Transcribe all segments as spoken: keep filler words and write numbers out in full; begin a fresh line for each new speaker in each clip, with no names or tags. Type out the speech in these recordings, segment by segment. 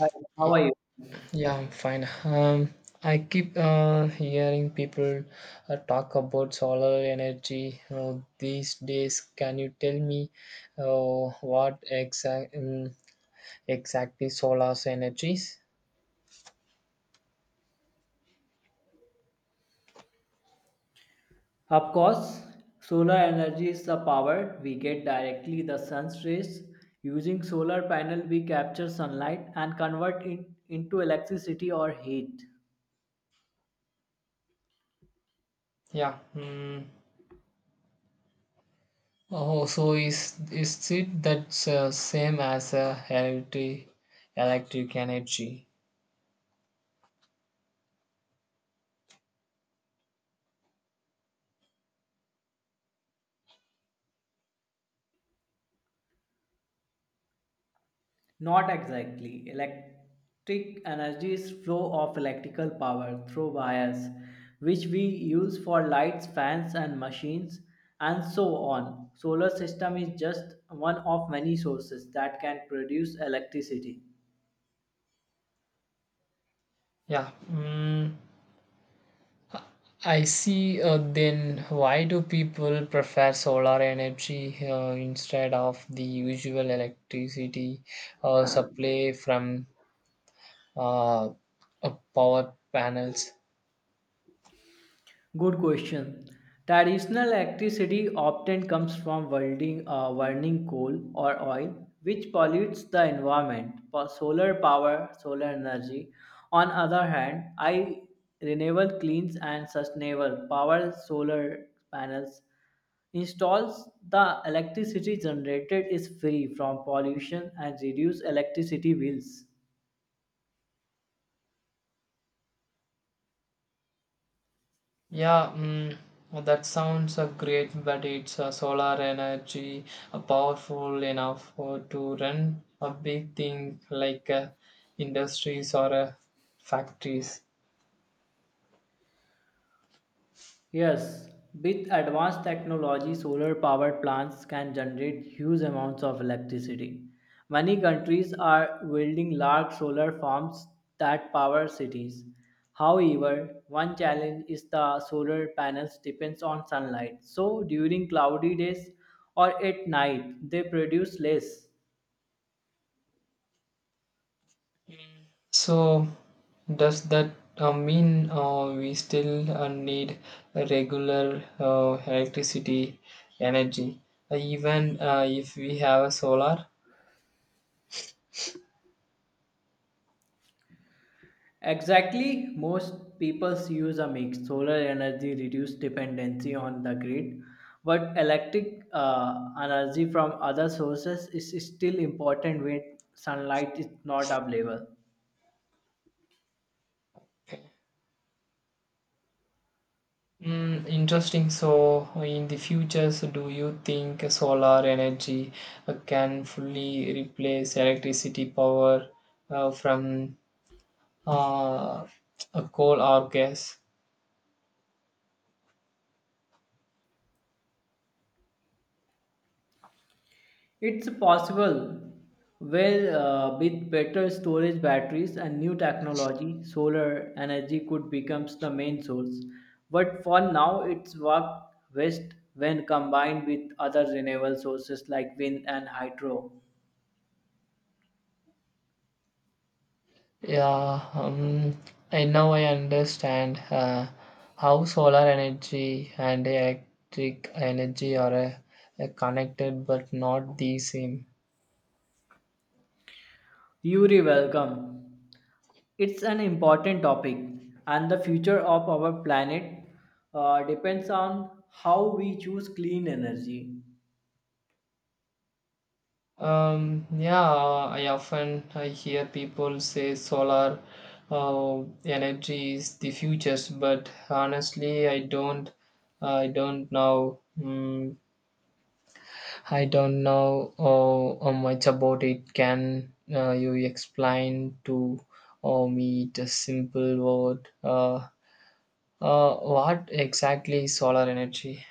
Hi, how are
Y-
you?
Yeah, I'm fine. Um, I keep uh, hearing people uh, talk about solar energy uh, these days. Can you tell me uh, what exact um, exactly solar energy is?
Of course, solar energy is the power we get directly the sun's rays. Using solar panel, we capture sunlight and convert it into electricity or heat.
Yeah. Mm. Oh, so is is it that's uh, same as uh, electric electric energy?
Not exactly. Electric energy is flow of electrical power through wires, which we use for lights, fans, and machines, and so on. Solar system is just one of many sources that can produce electricity.
Yeah. Mm. I see. Uh, then why do people prefer solar energy uh, instead of the usual electricity uh, supply from uh, uh, power panels?
Good question. Traditional electricity often comes from welding, uh, burning coal or oil, which pollutes the environment. For solar power, solar energy, on other hand, I renewable cleans and sustainable power solar panels installs the electricity generated is free from pollution and reduce electricity bills.
Yeah, mm, well, that sounds uh, great, but it's uh, solar energy uh, powerful enough for, to run a big thing like uh, industries or uh, factories.
Yes, with advanced technology, solar powered plants can generate huge amounts of electricity. Many countries are building large solar farms that power cities. However, one challenge is the solar panels depends on sunlight. So during cloudy days or at night, they produce less.
So, does that uh, mean uh, we still uh, need a regular uh, electricity energy, uh, even uh, if we have a solar?
Exactly, most people use a mix. Solar energy reduce dependency on the grid, but electric uh, energy from other sources is still important when sunlight is not available.
Mm, interesting. So, in the future, so do you think solar energy uh, can fully replace electricity power uh, from uh, a coal or gas?
It's possible well uh, with better storage batteries and new technology, solar energy could becomes the main source. But for now, it's work best when combined with other renewable sources like wind and hydro.
Yeah, um, I now I understand uh, how solar energy and electric energy are uh, uh, connected but not the same.
Yuri, welcome. It's an important topic, and the future of our planet uh, depends on how we choose clean energy.
Um, yeah, I often I hear people say solar uh, energy is the future, but honestly, I don't, I don't know. Mm, I don't know oh, oh, much about it. Can uh, you explain to oh, me the simple word? Uh, uh, what exactly is solar energy?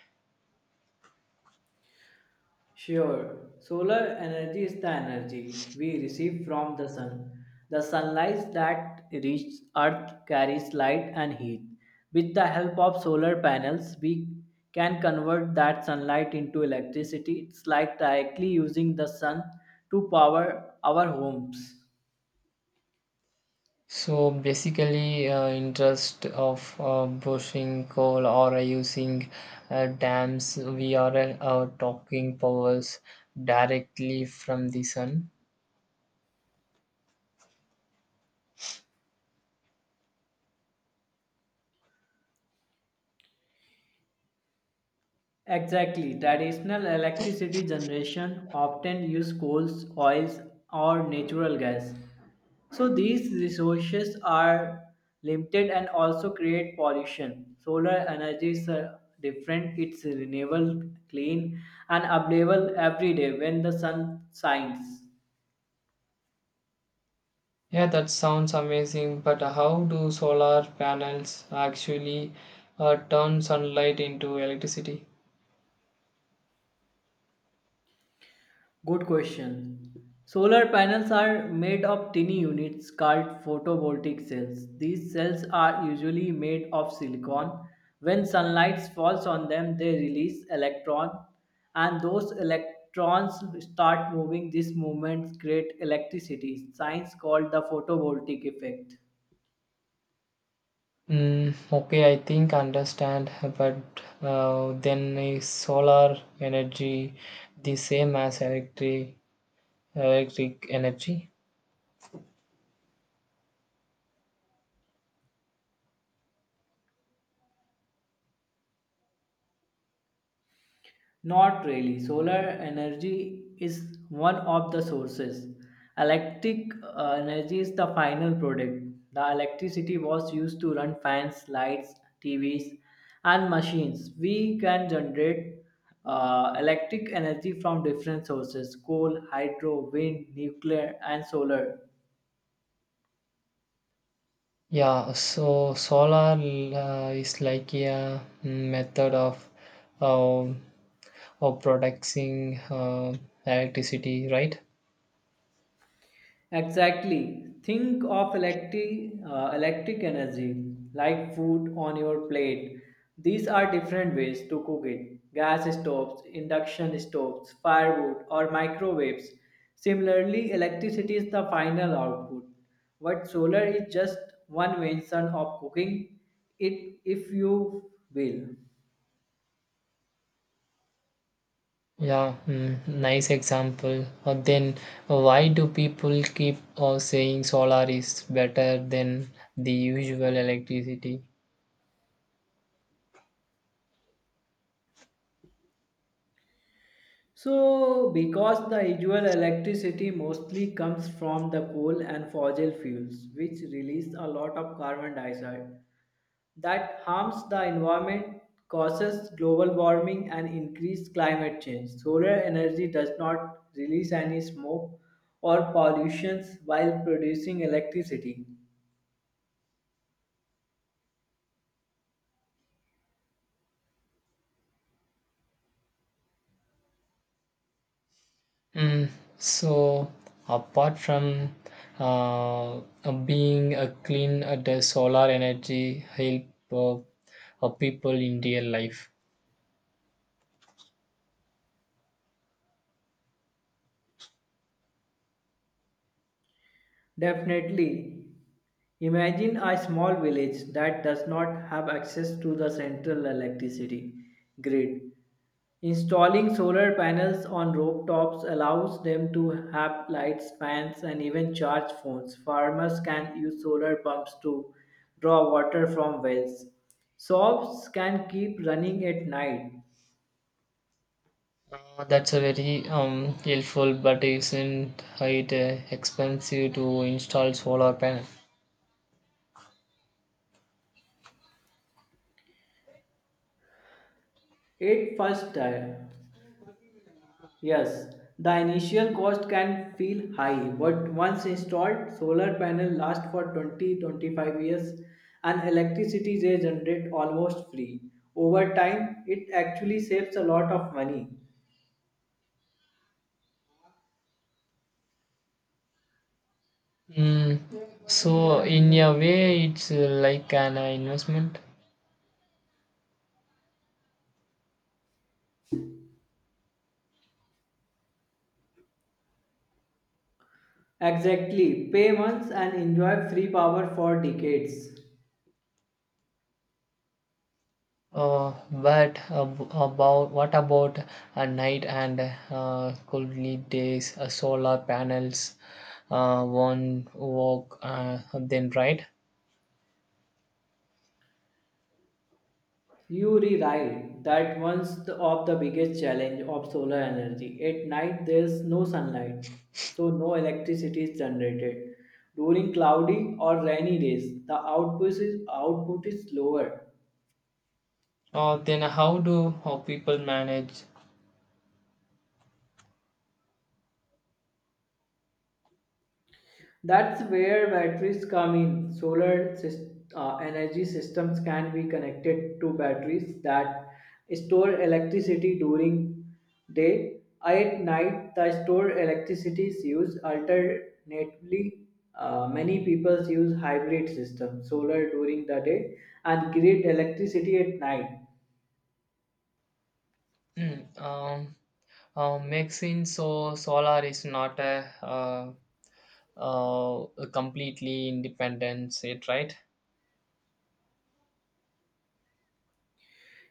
Sure, solar energy is the energy we receive from the sun. The sunlight that reaches Earth carries light and heat. With the help of solar panels, we can convert that sunlight into electricity. It's like directly using the sun to power our homes.
So basically, uh, interest of uh, bushing coal or uh, using uh, dams, we are uh, uh, talking powers directly from the sun.
Exactly. Traditional electricity generation often use coals, oils, or natural gas. So these resources are limited and also create pollution. Solar energy is uh, different. It's renewable, clean, and available every day when the sun shines.
Yeah, that sounds amazing, but how do solar panels actually uh, turn sunlight into electricity?
Good question. Solar panels are made of tiny units called photovoltaic cells. These cells are usually made of silicon. When sunlight falls on them, they release electrons, and those electrons start moving. These movements create electricity. Science called the photovoltaic effect.
Mm, okay, I think understand, but uh, then is solar energy the same as electric electric energy?
Not really. Solar energy is one of the sources. Electric uh, energy is the final product. The electricity was used to run fans, lights, T Vs, and machines. We can generate uh, electric energy from different sources coal, hydro, wind, nuclear, and solar.
Yeah, so solar uh, is like a mm, method of uh, of producing uh, electricity, right?
Exactly. Think of electric, uh, electric energy like food on your plate. These are different ways to cook it gas stoves, induction stoves, firewood, or microwaves. Similarly, electricity is the final output. But solar is just one version of cooking it, if you will.
Yeah, mm, nice example. Uh, then why do people keep uh, saying solar is better than the usual electricity?
So, because the usual electricity mostly comes from the coal and fossil fuels, which release a lot of carbon dioxide that harms the environment, causes global warming, and increased climate change. Solar energy does not release any smoke or pollutions while producing electricity.
Mm, so apart from uh, uh, being a clean, uh, the solar energy help uh, uh, people in real life.
Definitely, imagine a small village that does not have access to the central electricity grid. Installing solar panels on rooftops allows them to have lights, fans, and even charge phones. Farmers can use solar pumps to draw water from wells. Shops can keep running at night.
Uh, that's a very um, helpful, but isn't it uh, expensive to install solar panel?
It first time, yes, the initial cost can feel high, but once installed, solar panel last for twenty twenty five years and electricity they generate almost free. Over time, it actually saves a lot of money.
Mm. So in a way, it's uh, like an uh, investment.
Exactly. Pay once and enjoy free power for decades.
Uh, but ab- about what about a night and uh, coldly days, uh, solar panels, uh, one walk, uh, then right?
You rewrite that once the, of the biggest challenge of solar energy. At night there is no sunlight, so no electricity is generated. During cloudy or rainy days, the output is output is lower.
Uh, then how do uh, people manage?
That's where batteries come in. Solar sys- uh, energy systems can be connected to batteries that store electricity during day. At night, the stored electricity is used alternately. Uh, many people use hybrid systems, solar during the day and grid electricity at night.
um, uh, Makes sense. So solar is not a, uh, uh, a completely independent set, right?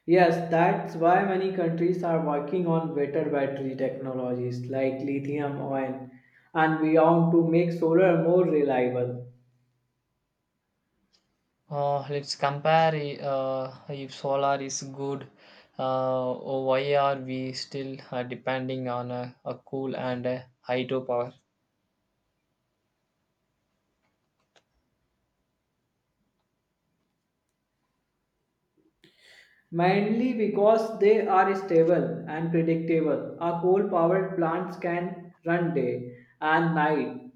Yes, that's why many countries are working on better battery technologies like lithium ion and beyond to make solar more reliable.
Uh, let's compare uh, if solar is good, uh, why are we still uh, depending on uh, a coal and uh, hydropower?
Mainly because they are stable and predictable. A coal powered plant can run day and night.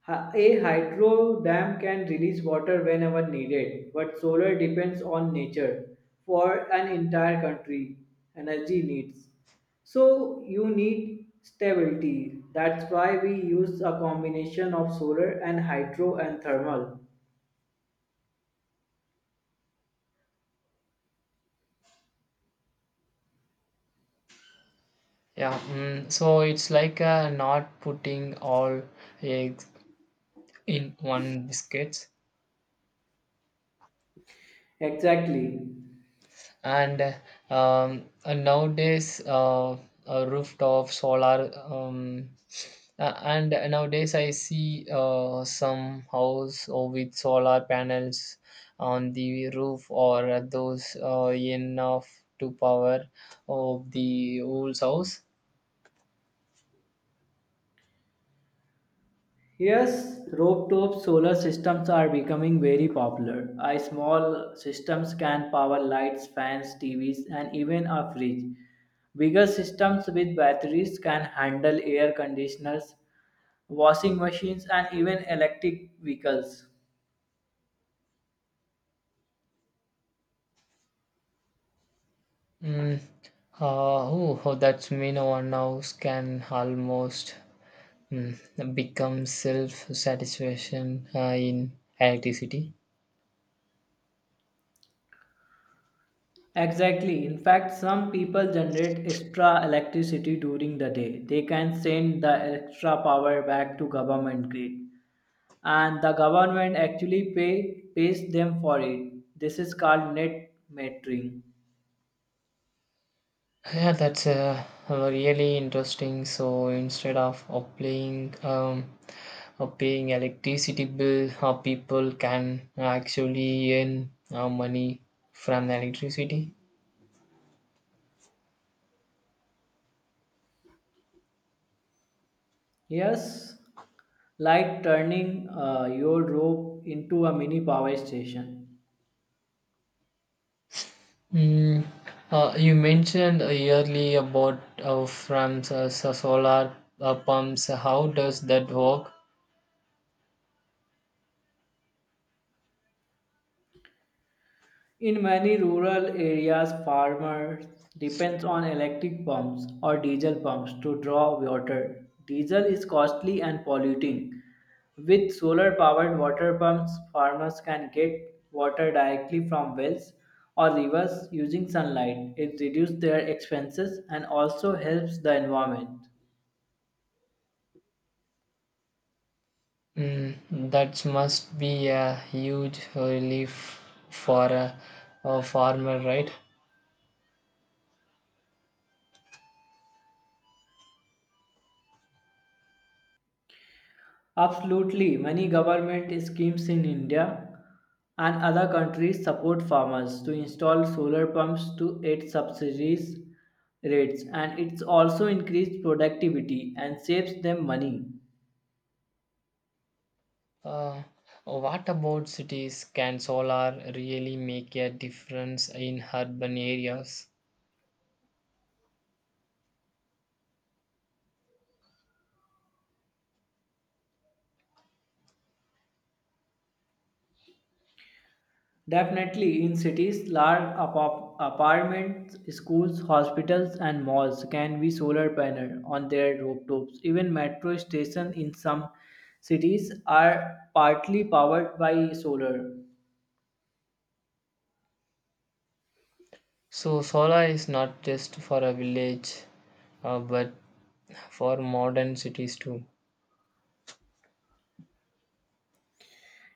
Hy- A hydro dam can release water whenever needed, but solar depends on nature for an entire country energy needs. So you need stability. That's why we use a combination of solar and hydro and thermal.
Yeah, mm, so it's like uh, not putting all eggs in one basket.
Exactly.
and um, uh, nowadays uh, uh, rooftop solar um, uh, and nowadays I see uh, some house or with solar panels on the roof or those uh, enough to power of the whole house.
Yes, rooftop solar systems are becoming very popular. A small systems can power lights, fans, T Vs, and even a fridge. Bigger systems with batteries can handle air conditioners, washing machines, and even electric vehicles.
Mm. uh, oh, oh, that's mean our house can almost mm, become self satisfaction uh, in electricity.
Exactly. In fact, some people generate extra electricity during the day. They can send the extra power back to government grid and the government actually pay pays them for it. This is called net metering.
Yeah, that's uh, really interesting. So instead of uh, paying um, uh, paying electricity bill, uh, people can actually earn uh, money from the electricity.
Yes, like turning uh, your rope into a mini power station.
Mm, uh, you mentioned earlier about uh, from s- s- solar uh, pumps. How does that work?
In many rural areas, farmers depend on electric pumps or diesel pumps to draw water. Diesel is costly and polluting. With solar powered water pumps, farmers can get water directly from wells or rivers using sunlight. It reduces their expenses and also helps the environment.
Mm, that must be a huge relief for a, a farmer, right?
Absolutely, many government schemes in India and other countries support farmers to install solar pumps to aid subsidies rates and it's also increased productivity and saves them money.
Uh, what about cities? Can solar really make a difference in urban areas?
Definitely, in cities, large apar- apartments, schools, hospitals, and malls can be solar panel on their rooftops. Even metro stations in some cities are partly powered by solar.
So, solar is not just for a village, uh, but for modern cities too.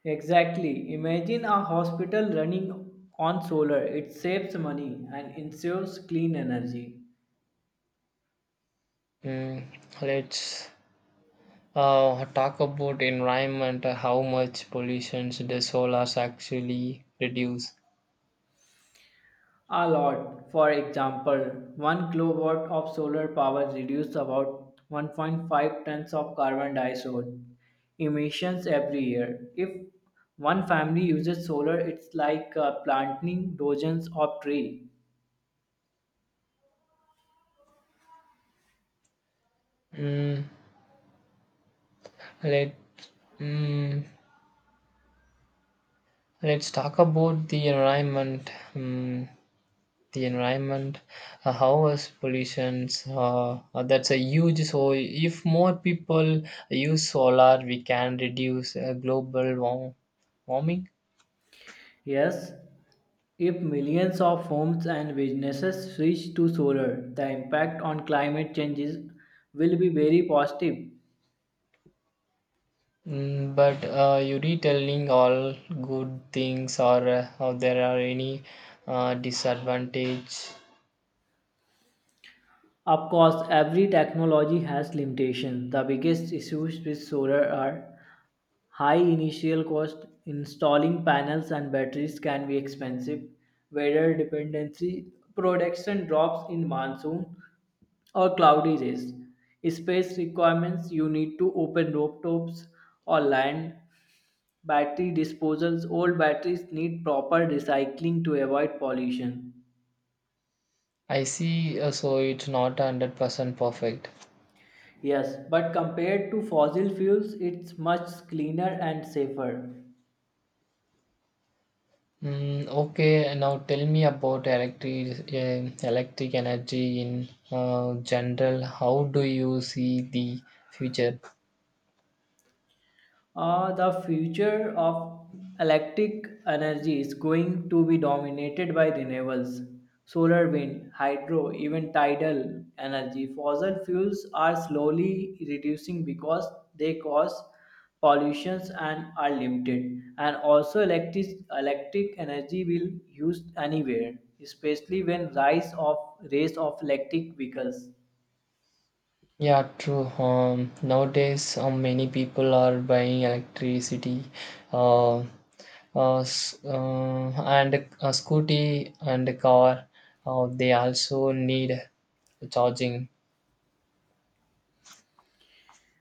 Exactly. Imagine a hospital running on solar. It saves money and ensures clean energy.
Mm, let's uh, talk about environment. uh, How much pollution does solar actually reduce?
A lot. For example, one kilowatt of solar power reduces about one point five tons of carbon dioxide emissions every year. If one family uses solar, it's like uh, planting dozens of trees.
Mm, let mm, let's talk about the environment. Mm, the environment, uh, how is pollutions. Uh, uh, that's a huge. So if more people use solar, we can reduce uh, global warm, warming.
Yes, if millions of homes and businesses switch to solar, the impact on climate changes will be very positive.
Mm, but uh, you retelling all good things or uh, how there are any uh, disadvantage.
Of course, every technology has limitations. The biggest issues with solar are high initial cost, installing panels and batteries can be expensive, weather dependency, production drops in monsoon or cloudy days, space requirements, you need to open rooftops or land. Battery disposals old batteries need proper recycling to avoid pollution.
I see. Uh, so it's not hundred percent perfect.
Yes, but compared to fossil fuels, it's much cleaner and safer.
Mm, okay, now tell me about electric eh, electric energy in uh, general. How do you see the future?
Uh, the future of electric energy is going to be dominated by renewables, solar, wind, hydro, even tidal energy. Fossil fuels are slowly reducing because they cause pollutions and are limited. And also, electric electric energy will used anywhere, especially when rise of race of electric vehicles.
Yeah, true. Um, nowadays, uh, many people are buying electricity, uh, uh, s- uh, and a scooty and a car. Uh, they also need charging.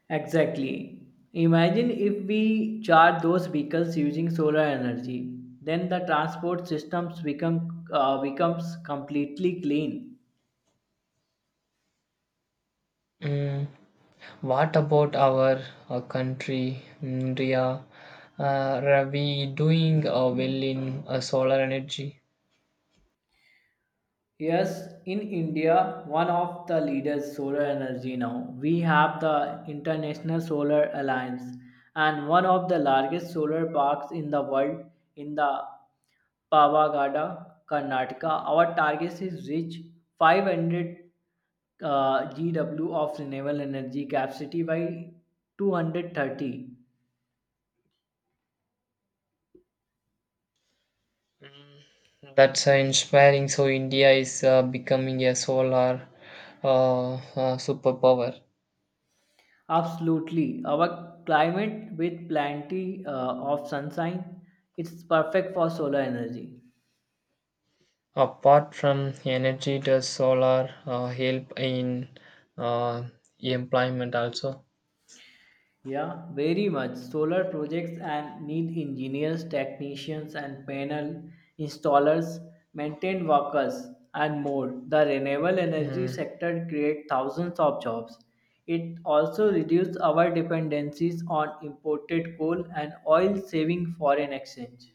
Exactly. Imagine if we charge those vehicles using solar energy, then the transport systems become uh, becomes completely clean.
Mm. What about our uh, country, India? Uh, are we doing uh, well in uh, solar energy?
Yes, in India, one of the leaders solar energy now. We have the International Solar Alliance and one of the largest solar parks in the world in the Pavagada, Karnataka. Our target is reach five hundred uh, G W of renewable energy capacity by two hundred thirty.
That's uh, inspiring. So India is uh, becoming a solar uh, uh, superpower.
Absolutely. Our climate with plenty uh, of sunshine, it's perfect for solar energy.
Apart from energy, does solar uh, help in uh, employment also?
Yeah, very much. Solar projects and need engineers, technicians, and panel installers, maintenance workers, and more. The renewable energy
Hmm.
sector creates thousands of jobs. It also reduces our dependencies on imported coal and oil, saving foreign exchange.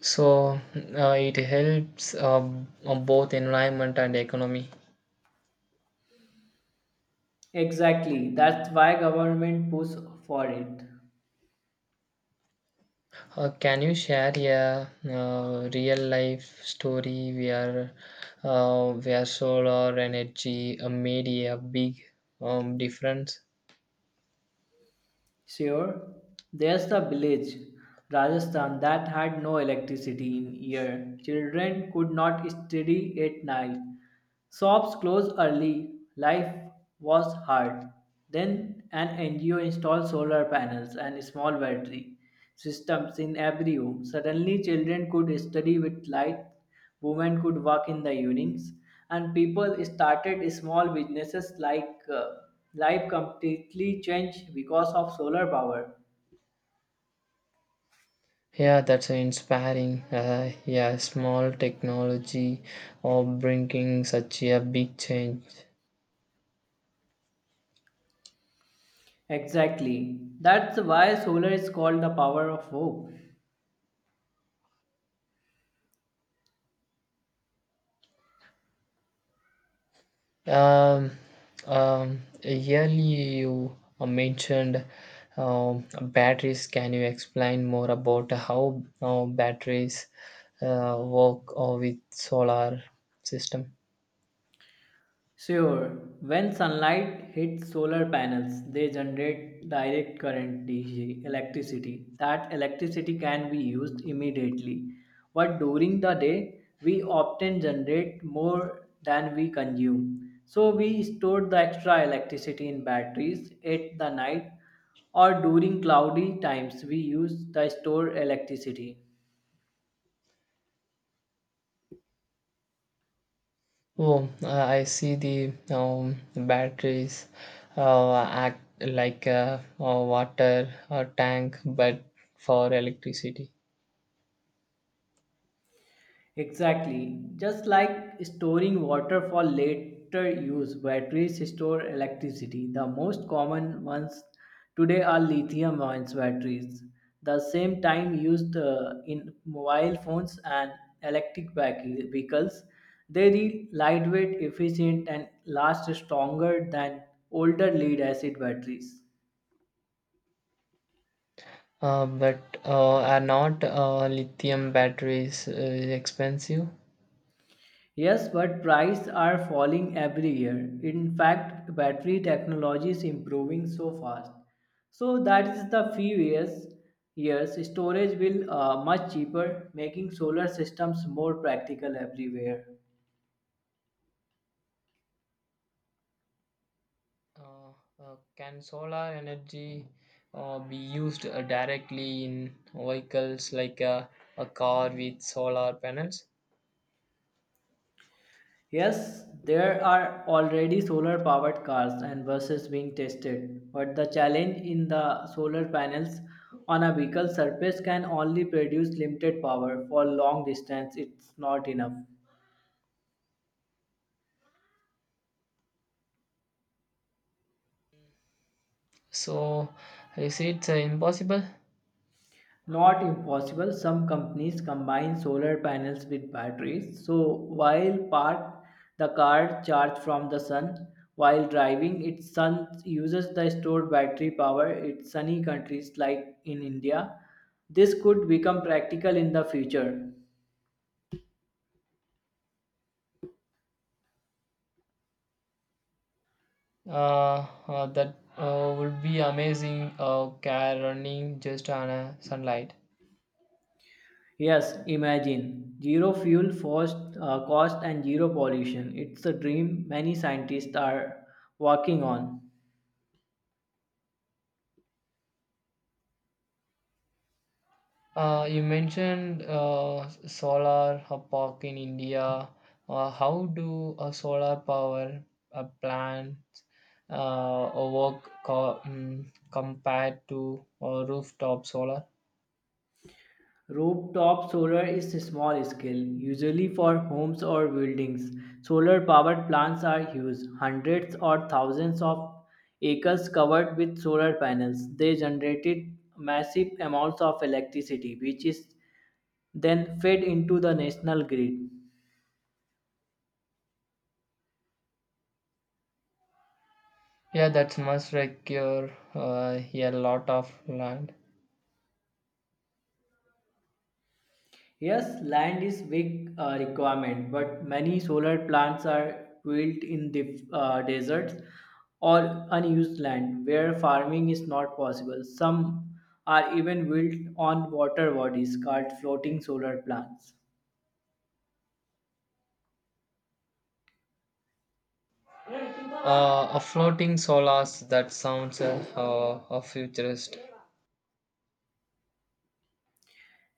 So uh, it helps uh, on both environment and economy.
Exactly. That's why government push for it.
Uh, can you share a uh, real life story where uh, where solar energy uh, made a big um, difference?
Sure, there's the village, Rajasthan, that had no electricity in year. Children could not study at night. Shops closed early. Life was hard. Then an N G O installed solar panels and a small battery systems in every home. Suddenly, children could study with light, women could work in the evenings, and people started small businesses like uh, life completely changed because of solar power.
Yeah, that's inspiring. Uh, yeah, small technology of bringing such a big change.
Exactly. That's why solar is called the power of hope.
Um, um, Earlier you uh, mentioned um, batteries. Can you explain more about how uh, batteries uh, work uh, with solar system?
Sure, when sunlight hits solar panels, they generate direct current D C electricity. That electricity can be used immediately. But during the day, we often generate more than we consume. So we store the extra electricity in batteries at the night or during cloudy times we use the stored electricity.
Oh, uh, I see the um, batteries uh, act like a, a water uh tank, but for electricity.
Exactly. Just like storing water for later use, batteries store electricity. The most common ones today are lithium ion batteries, the same time used uh, in mobile phones and electric vehi- vehicles. They are lightweight, efficient, and last stronger than older lead acid batteries.
Uh, but uh, are not uh, lithium batteries uh, expensive?
Yes, but prices are falling every year. In fact, battery technology is improving so fast. So that is the few years, years storage will uh, much cheaper, making solar systems more practical everywhere.
Uh, uh, can solar energy uh, be used uh, directly in vehicles like a, a car with solar panels?
Yes, there are already solar powered cars and buses being tested, but the challenge in the solar panels on a vehicle surface can only produce limited power for long distance. It's not enough.
So, is it uh, impossible?
Not impossible. Some companies combine solar panels with batteries. So while parked, the car charges from the sun. While driving, it sun uses the stored battery power. It's sunny countries like in India. This could become practical in the future.
Uh, uh, that uh, would be amazing uh, car running just on a sunlight.
Yes, imagine zero fuel cost, uh, cost and zero pollution. It's a dream many scientists are working on.
Uh, you mentioned uh, solar uh, park in India. Uh, how do a solar power uh, plants uh, work co- mm, compared to uh, rooftop solar?
Rooftop solar is small scale, usually for homes or buildings. Solar powered plants are huge, hundreds or thousands of acres covered with solar panels. They generated massive amounts of electricity, which is then fed into the national grid.
Yeah, that must require uh, a lot of land.
Yes, land is big uh, requirement, but many solar plants are built in the uh, deserts or unused land where farming is not possible. Some are even built on water bodies called floating solar plants.
Uh, a floating solars that sounds uh, uh, a futurist.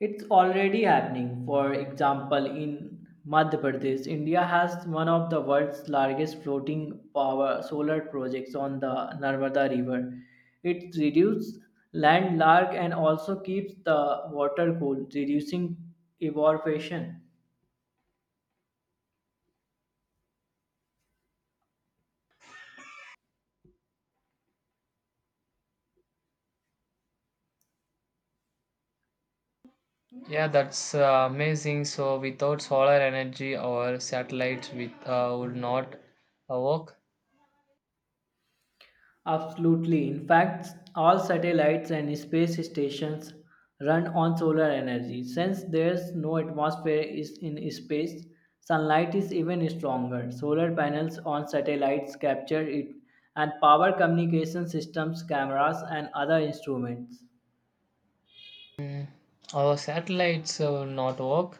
It's already happening. For example, in Madhya Pradesh, India has one of the world's largest floating power solar projects on the Narmada River. It reduces land landlarg and also keeps the water cool, reducing evaporation.
Yeah, that's uh, amazing. So without solar energy, our satellites with uh, would not uh, work.
Absolutely. In fact, all satellites and space stations run on solar energy. Since there's no atmosphere is in space, sunlight is even stronger. Solar panels on satellites capture it and power communication systems, cameras, and other instruments.
Our satellites uh, not work.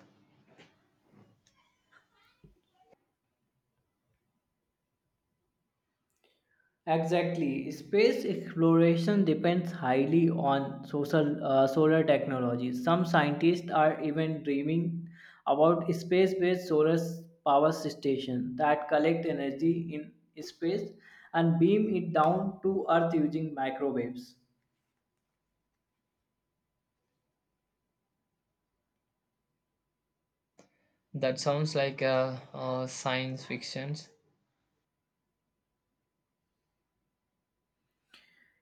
Exactly. Space exploration depends highly on social, uh, solar technology. Some scientists are even dreaming about space based solar s- power stations that collect energy in space and beam it down to Earth using microwaves.
That sounds like uh, uh, science fiction.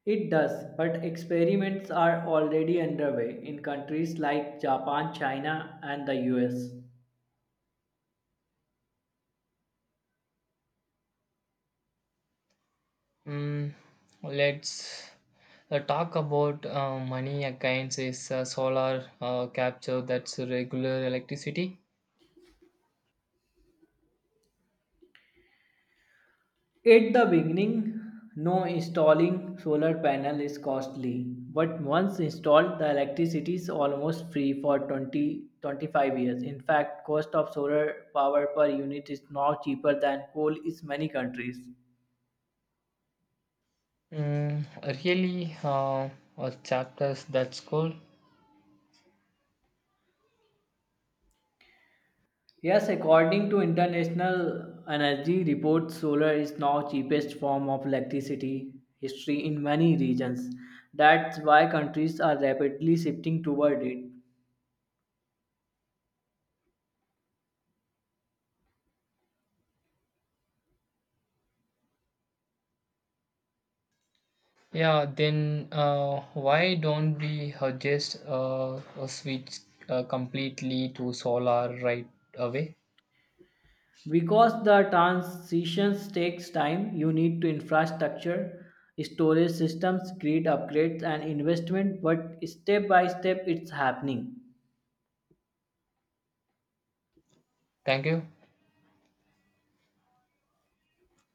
It does, but experiments are already underway in countries like Japan, China, and the U S.
Mm, let's uh, talk about uh, money again. Is uh, solar uh, capture that's regular electricity?
At the beginning, no installing solar panel is costly, but once installed, the electricity is almost free for twenty twenty five years. In fact, cost of solar power per unit is now cheaper than coal in many countries.
Mm, really, uh, uh, chapters that's cool.
Yes, according to international energy Report, solar is now cheapest form of electricity history in many regions. That's why countries are rapidly shifting toward it.
Yeah, then uh, why don't we uh, just uh, uh, switch uh, completely to solar right away?
Because the transitions takes time you need to infrastructure storage systems grid upgrades and investment but step by step it's happening
Thank you.